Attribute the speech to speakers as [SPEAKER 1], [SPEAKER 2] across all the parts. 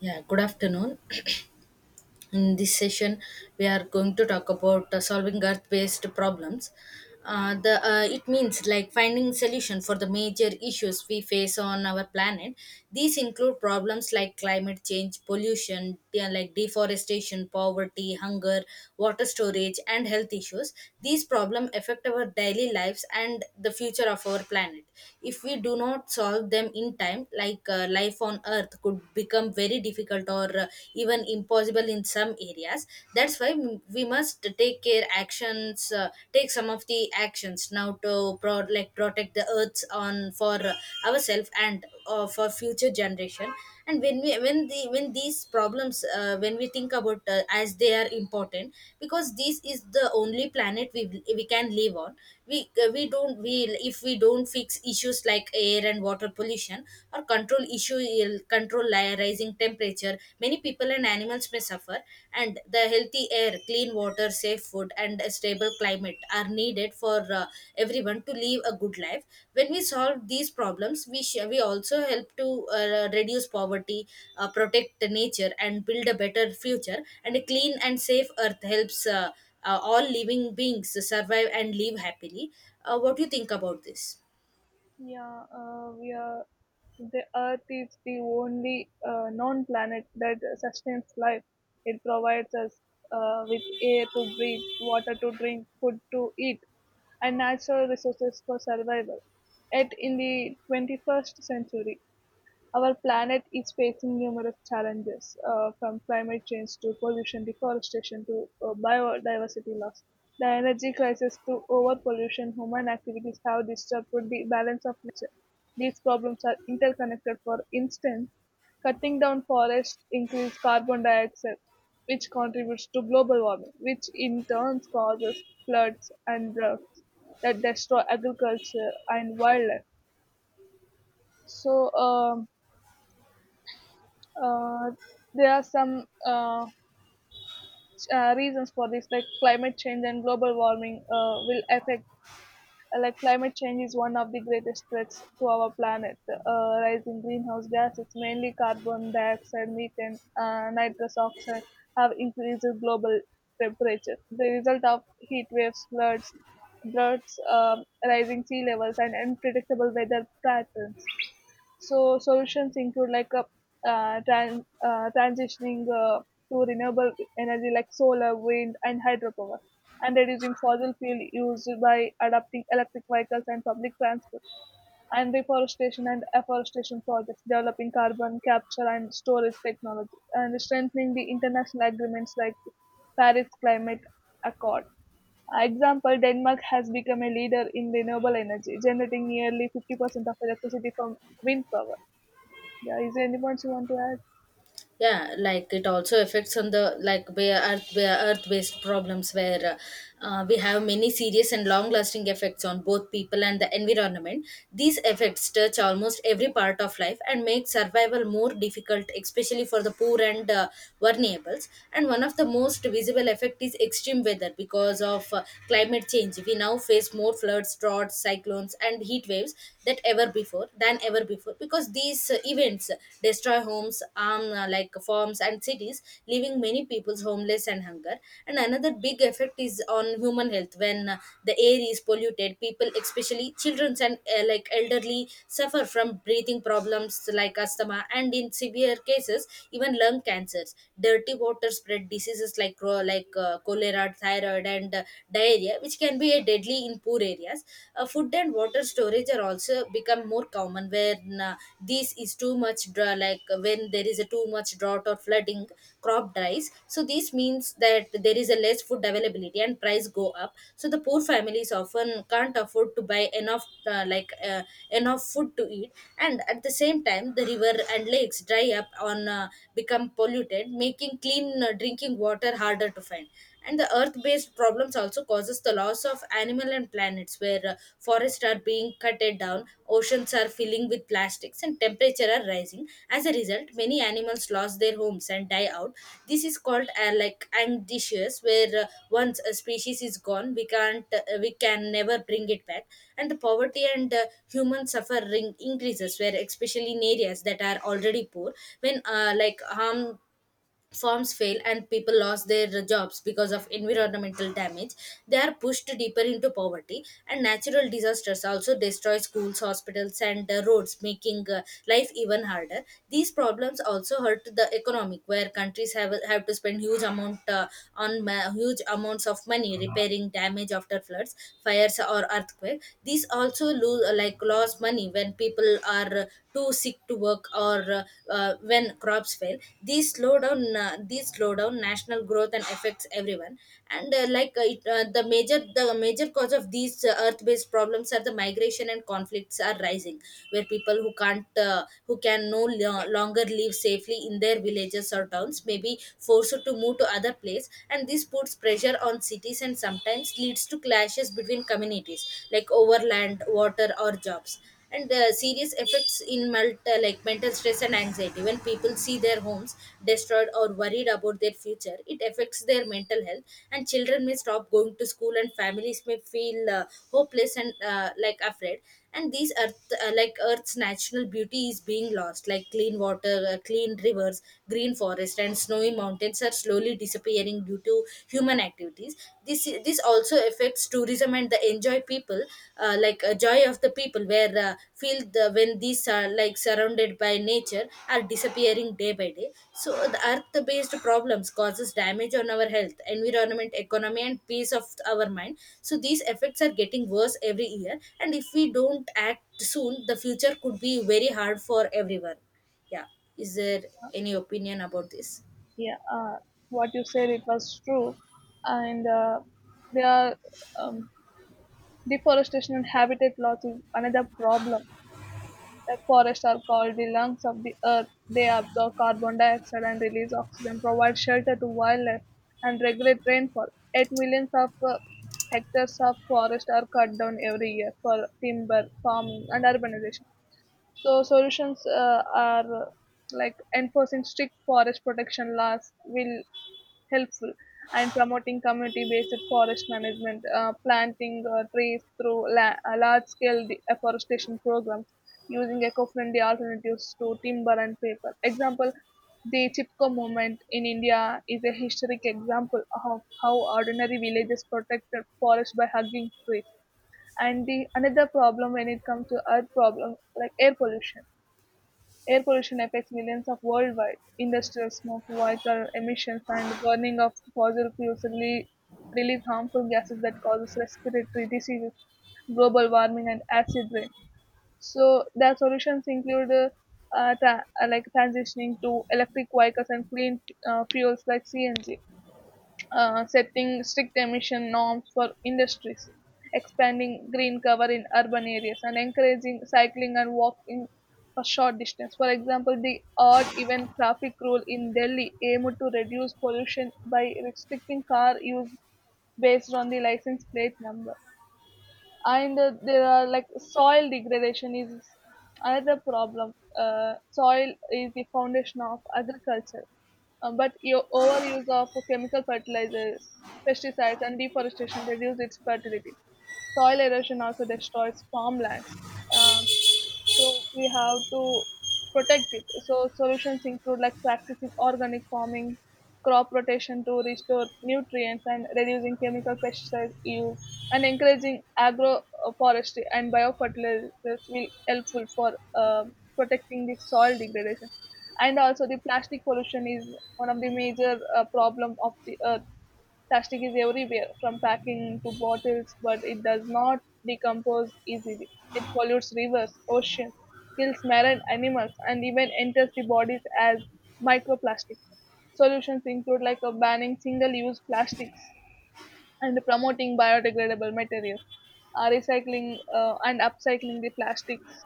[SPEAKER 1] Yeah, good afternoon. In this session, we are going to talk about solving Earth-based problems. The It means like finding solution for the major issues we face on our planet. These include problems like climate change, pollution, yeah, like deforestation, poverty, hunger, water storage, and health issues. These problems affect our daily lives and the future of our planet. If we do not solve them in time, like life on earth could become very difficult, or even impossible in some areas. That's why we must take care actions, take some of the actions now to like protect the earths on for ourselves and for future generation. And when we when the when these problems, when we think about, as they are important, because this is the only planet we can live on. We don't we If we don't fix issues like air and water pollution, or control issue control rising temperature, many people and animals may suffer. And the healthy air, clean water, safe food, and a stable climate are needed for everyone to live a good life. When we solve these problems, we also help to reduce poverty, protect the nature, and build a better future. And a clean and safe earth helps all living beings survive and live happily. What do you think about this?
[SPEAKER 2] Yeah, we are. The Earth is the only known planet that sustains life. It provides us with air to breathe, water to drink, food to eat, and natural resources for survival. Yet, in the 21st century, our planet is facing numerous challenges, from climate change to pollution, deforestation to biodiversity loss. The energy crisis to overpollution, human activities have disturbed the balance of nature. These problems are interconnected. For instance, cutting down forests increases carbon dioxide, which contributes to global warming, which in turn causes floods and droughts that destroy agriculture and wildlife. So, um, Uh, there are some reasons for this, like climate change and global warming will affect. Like climate change is one of the greatest threats to our planet. Rising greenhouse gases, mainly carbon dioxide, methane, nitrous oxide, have increased global temperature. The result of heat waves, floods, droughts, rising sea levels, and unpredictable weather patterns. So solutions include like a transitioning to renewable energy like solar, wind, and hydropower, and reducing fossil fuel use by adopting electric vehicles and public transport, and reforestation and afforestation projects, developing carbon capture and storage technology, and strengthening the international agreements like Paris Climate Accord. Example, Denmark has become a leader in renewable energy, generating nearly 50% of electricity from wind power. Yeah, is there any points you want to add?
[SPEAKER 1] Yeah, like it also affects on the like bare earth based problems where we have many serious and long lasting effects on both people and the environment. These effects touch almost every part of life and make survival more difficult, especially for the poor and vulnerables. And one of the most visible effect is extreme weather. Because of climate change we now face more floods, droughts, cyclones and heat waves that ever before than ever before. Because these events destroy homes, arm like farms and cities, leaving many peoples homeless and hunger. And another big effect is on human health. When the air is polluted, people, especially children and like elderly, suffer from breathing problems like asthma, and in severe cases even lung cancers. Dirty water spread diseases like cholera, thyroid, and diarrhea, which can be a deadly in poor areas. Food and water storage are also become more common. When this is too much dry, like when there is a too much drought or flooding, crop dries. So this means that there is a less food availability and price go up. So the poor families often can't afford to buy enough enough food to eat. And at the same time, the river and lakes dry up on become polluted, making clean drinking water harder to find. And the earth-based problems also causes the loss of animal and planets, where forests are being cutted down, oceans are filling with plastics, and temperature are rising. As a result, many animals lost their homes and die out. This is called like ambitious, where once a species is gone, we can never bring it back. And the poverty and human suffering increases, where especially in areas that are already poor. When like harm farms fail and people lost their jobs because of environmental damage, they are pushed deeper into poverty. And natural disasters also destroy schools, hospitals, and roads, making life even harder. These problems also hurt the economic, where countries have to spend huge amounts of money repairing damage after floods, fires, or earthquake. These also lose, like lost money when people are too sick to work, or when crops fail. These slow down national growth and affects everyone. And like it, the major cause of these earth based problems are the migration and conflicts are rising, where people who can't who can no longer live safely in their villages or towns may be forced to move to other place. And this puts pressure on cities and sometimes leads to clashes between communities, like over land, water, or jobs. And the serious effects in like mental stress and anxiety. When people see their homes destroyed or worried about their future, it affects their mental health. And children may stop going to school, and families may feel hopeless and like afraid. And these earth like earth's natural beauty is being lost, like clean rivers, green forest, and snowy mountains are slowly disappearing due to human activities. This also affects tourism and the enjoy people like joy of the people, where feel the when these are like surrounded by nature are disappearing day by day. So the earth based problems causes damage on our health, environment, economy, and peace of our mind. So these effects are getting worse every year, and if we don't act soon, the future could be very hard for everyone. Yeah. Is there any opinion about this?
[SPEAKER 2] Yeah, what you said it was true, and there are um, deforestation and habitat loss is another problem. Like forests are called the lungs of the earth. They absorb carbon dioxide and release oxygen, provide shelter to wildlife, and regulate rainfall. 8 millions of hectares of forest are cut down every year for timber, farming, and urbanization. So solutions are like enforcing strict forest protection laws will helpful and promoting community-based forest management, planting trees through large-scale afforestation programs, using eco-friendly alternatives to timber and paper. Example, the Chipko movement in India is a historic example of how ordinary villages protected forests by hugging trees. And the another problem when it comes to earth problem like air pollution. Air pollution affects millions of worldwide. Industrial smoke, vehicle emissions, and burning of fossil fuels release harmful gases that causes respiratory diseases, global warming, and acid rain. So their solutions include like transitioning to electric vehicles and clean fuels like CNG, setting strict emission norms for industries, expanding green cover in urban areas, and encouraging cycling and walking for short distance. For example, the odd even traffic rule in Delhi aimed to reduce pollution by restricting car use based on the license plate number. And there are like soil degradation is another problem. Soil is the foundation of agriculture. But your overuse of chemical fertilizers, pesticides, and deforestation reduce its fertility. Soil erosion also destroys farmlands. Um, so we have to protect it. So solutions include like practicing organic farming, crop rotation to restore nutrients and reducing chemical pesticide use, and encouraging agroforestry and biofertilizers will helpful for protecting the soil degradation. And also the plastic pollution is one of the major problem of the earth. Plastic is everywhere, from packing to bottles, but it does not decompose easily. It pollutes rivers, oceans, kills marine animals, and even enters the bodies as microplastics. Solutions include like a banning single-use plastics and promoting biodegradable materials, recycling and upcycling the plastics,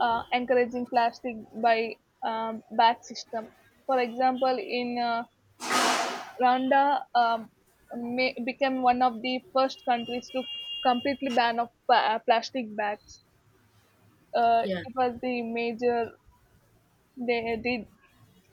[SPEAKER 2] encouraging plastic by bag system. For example, in Rwanda, became one of the first countries to completely ban of plastic bags.
[SPEAKER 1] yeah
[SPEAKER 2] It was the major they did.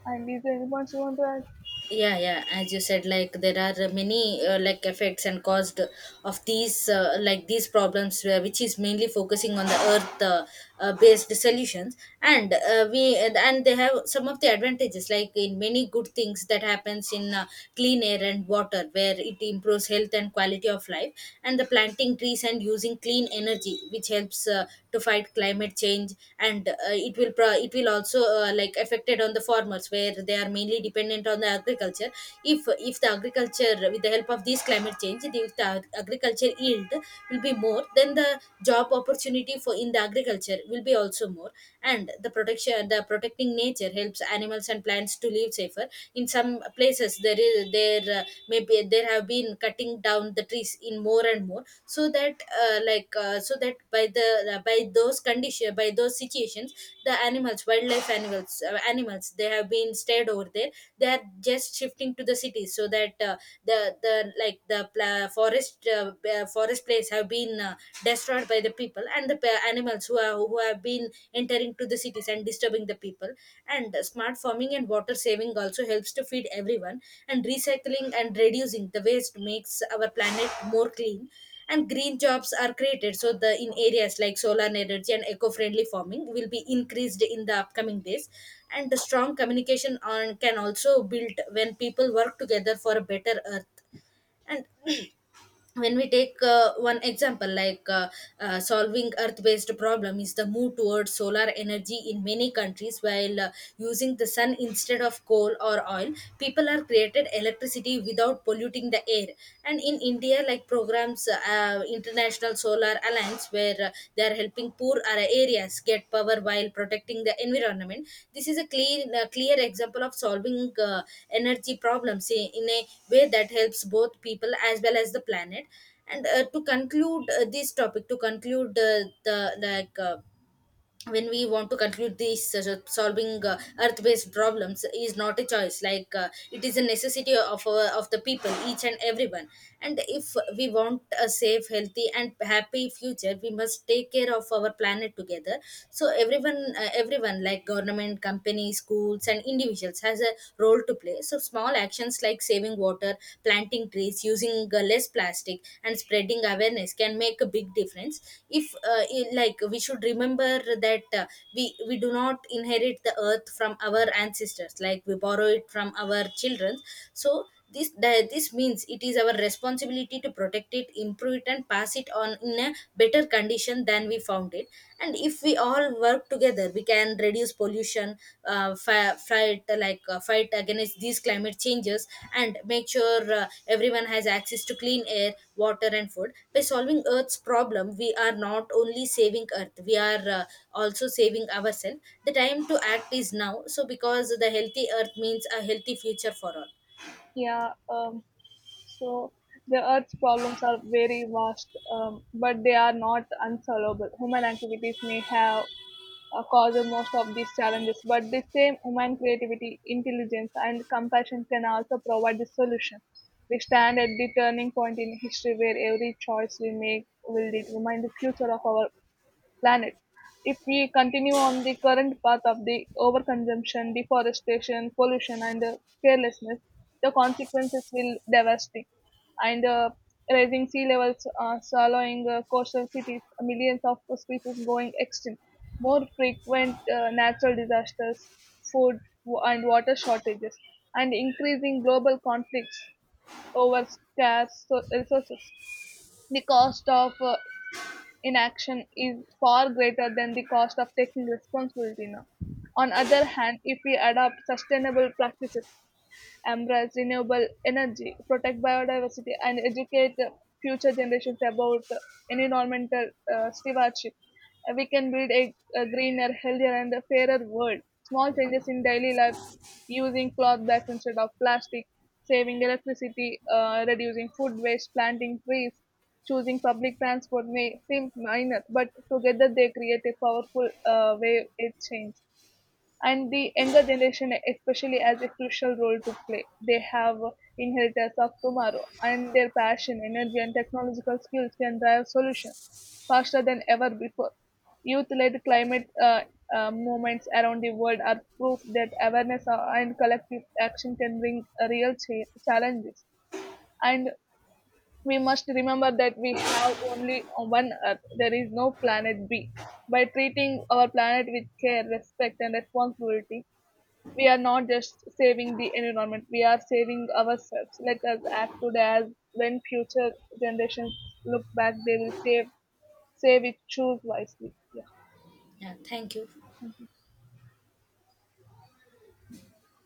[SPEAKER 2] And is there anyone you want to add?
[SPEAKER 1] yeah, as you said, like there are many like effects and caused of these like these problems, which is mainly focusing on the earth, based solutions. And we and they have some of the advantages, like in many good things that happens in clean air and water, where it improves health and quality of life. And the planting trees and using clean energy, which helps to fight climate change. And it will also like affected on the farmers, where they are mainly dependent on the agriculture. If the agriculture, with the help of this climate change, if the agriculture yield will be more, then the job opportunity for in the agriculture will be also more. And the protection the protecting nature helps animals and plants to live safer. In some places there have been cutting down the trees in more and more. So that so that by those condition by those situations, the animals, animals, they have been stayed over there, they are just shifting to the cities. So that the like the forest place have been destroyed by the people. And the animals who are who have been entering to the cities and disturbing the people. And smart farming and water saving also helps to feed everyone. And recycling and reducing the waste makes our planet more clean. And green jobs are created, so the in areas like solar energy and eco-friendly farming will be increased in the upcoming days. And the strong communication on can also build when people work together for a better earth. And when we take one example, like solving earth-based problem is the move towards solar energy in many countries. While using the sun instead of coal or oil, people are created electricity without polluting the air. And in india, like programs, international solar alliance, where they are helping poor areas get power while protecting the environment. This is a clear example of solving energy problems in a way that helps both people as well as the planet. And to conclude the like when we want to conclude these, so solving earth-based problems is not a choice, like it is a necessity of our, of the people, each and everyone. And if we want a safe, healthy and happy future, we must take care of our planet together. So everyone, like government, companies, schools, and individuals has a role to play. So small actions like saving water, planting trees, using less plastic, and spreading awareness can make a big difference. If like we should remember that, uh, we do not inherit the earth from our ancestors, like we borrow it from our children. So this means it is our responsibility to protect it, improve it, and pass it on in a better condition than we found it. And if we all work together, we can reduce pollution, fight against these climate changes, and make sure everyone has access to clean air, water, and food. By solving earth's problem, we are not only saving earth, we are also saving ourselves. The time to act is now, so because the healthy earth means a healthy future for all.
[SPEAKER 2] Yeah. So the Earth's problems are very vast, but they are not unsolvable. Human activities may have caused most of these challenges, but the same human creativity, intelligence, and compassion can also provide the solution. We stand at the turning point in history where every choice we make will determine the future of our planet. If we continue on the current path of the overconsumption, deforestation, pollution, and carelessness, the consequences will devastate. And rising sea levels, swallowing coastal cities, millions of species going extinct, more frequent natural disasters, food and water shortages, and increasing global conflicts over scarce resources. The cost of inaction is far greater than the cost of taking responsibility now. On other hand, if we adopt sustainable practices, embrace renewable energy, protect biodiversity, and educate the future generations about environmental stewardship. We can build a greener, healthier, and a fairer world. Small changes in daily life, using cloth bags instead of plastic, saving electricity, reducing food waste, planting trees, choosing public transport may seem minor, but together they create a powerful wave of change. And the younger generation especially has a crucial role to play. They have inheritors of tomorrow and their passion, energy and technological skills can drive solutions faster than ever before. Youth-led climate movements around the world are proof that awareness and collective action can bring real challenges. And we must remember that we have only one Earth. There is no planet B. By treating our planet with care, respect, and responsibility, we are not just saving the environment, we are saving ourselves. Let us act today as when future generations look back they will save it, choose wisely.
[SPEAKER 1] Yeah, thank you.
[SPEAKER 2] Yeah.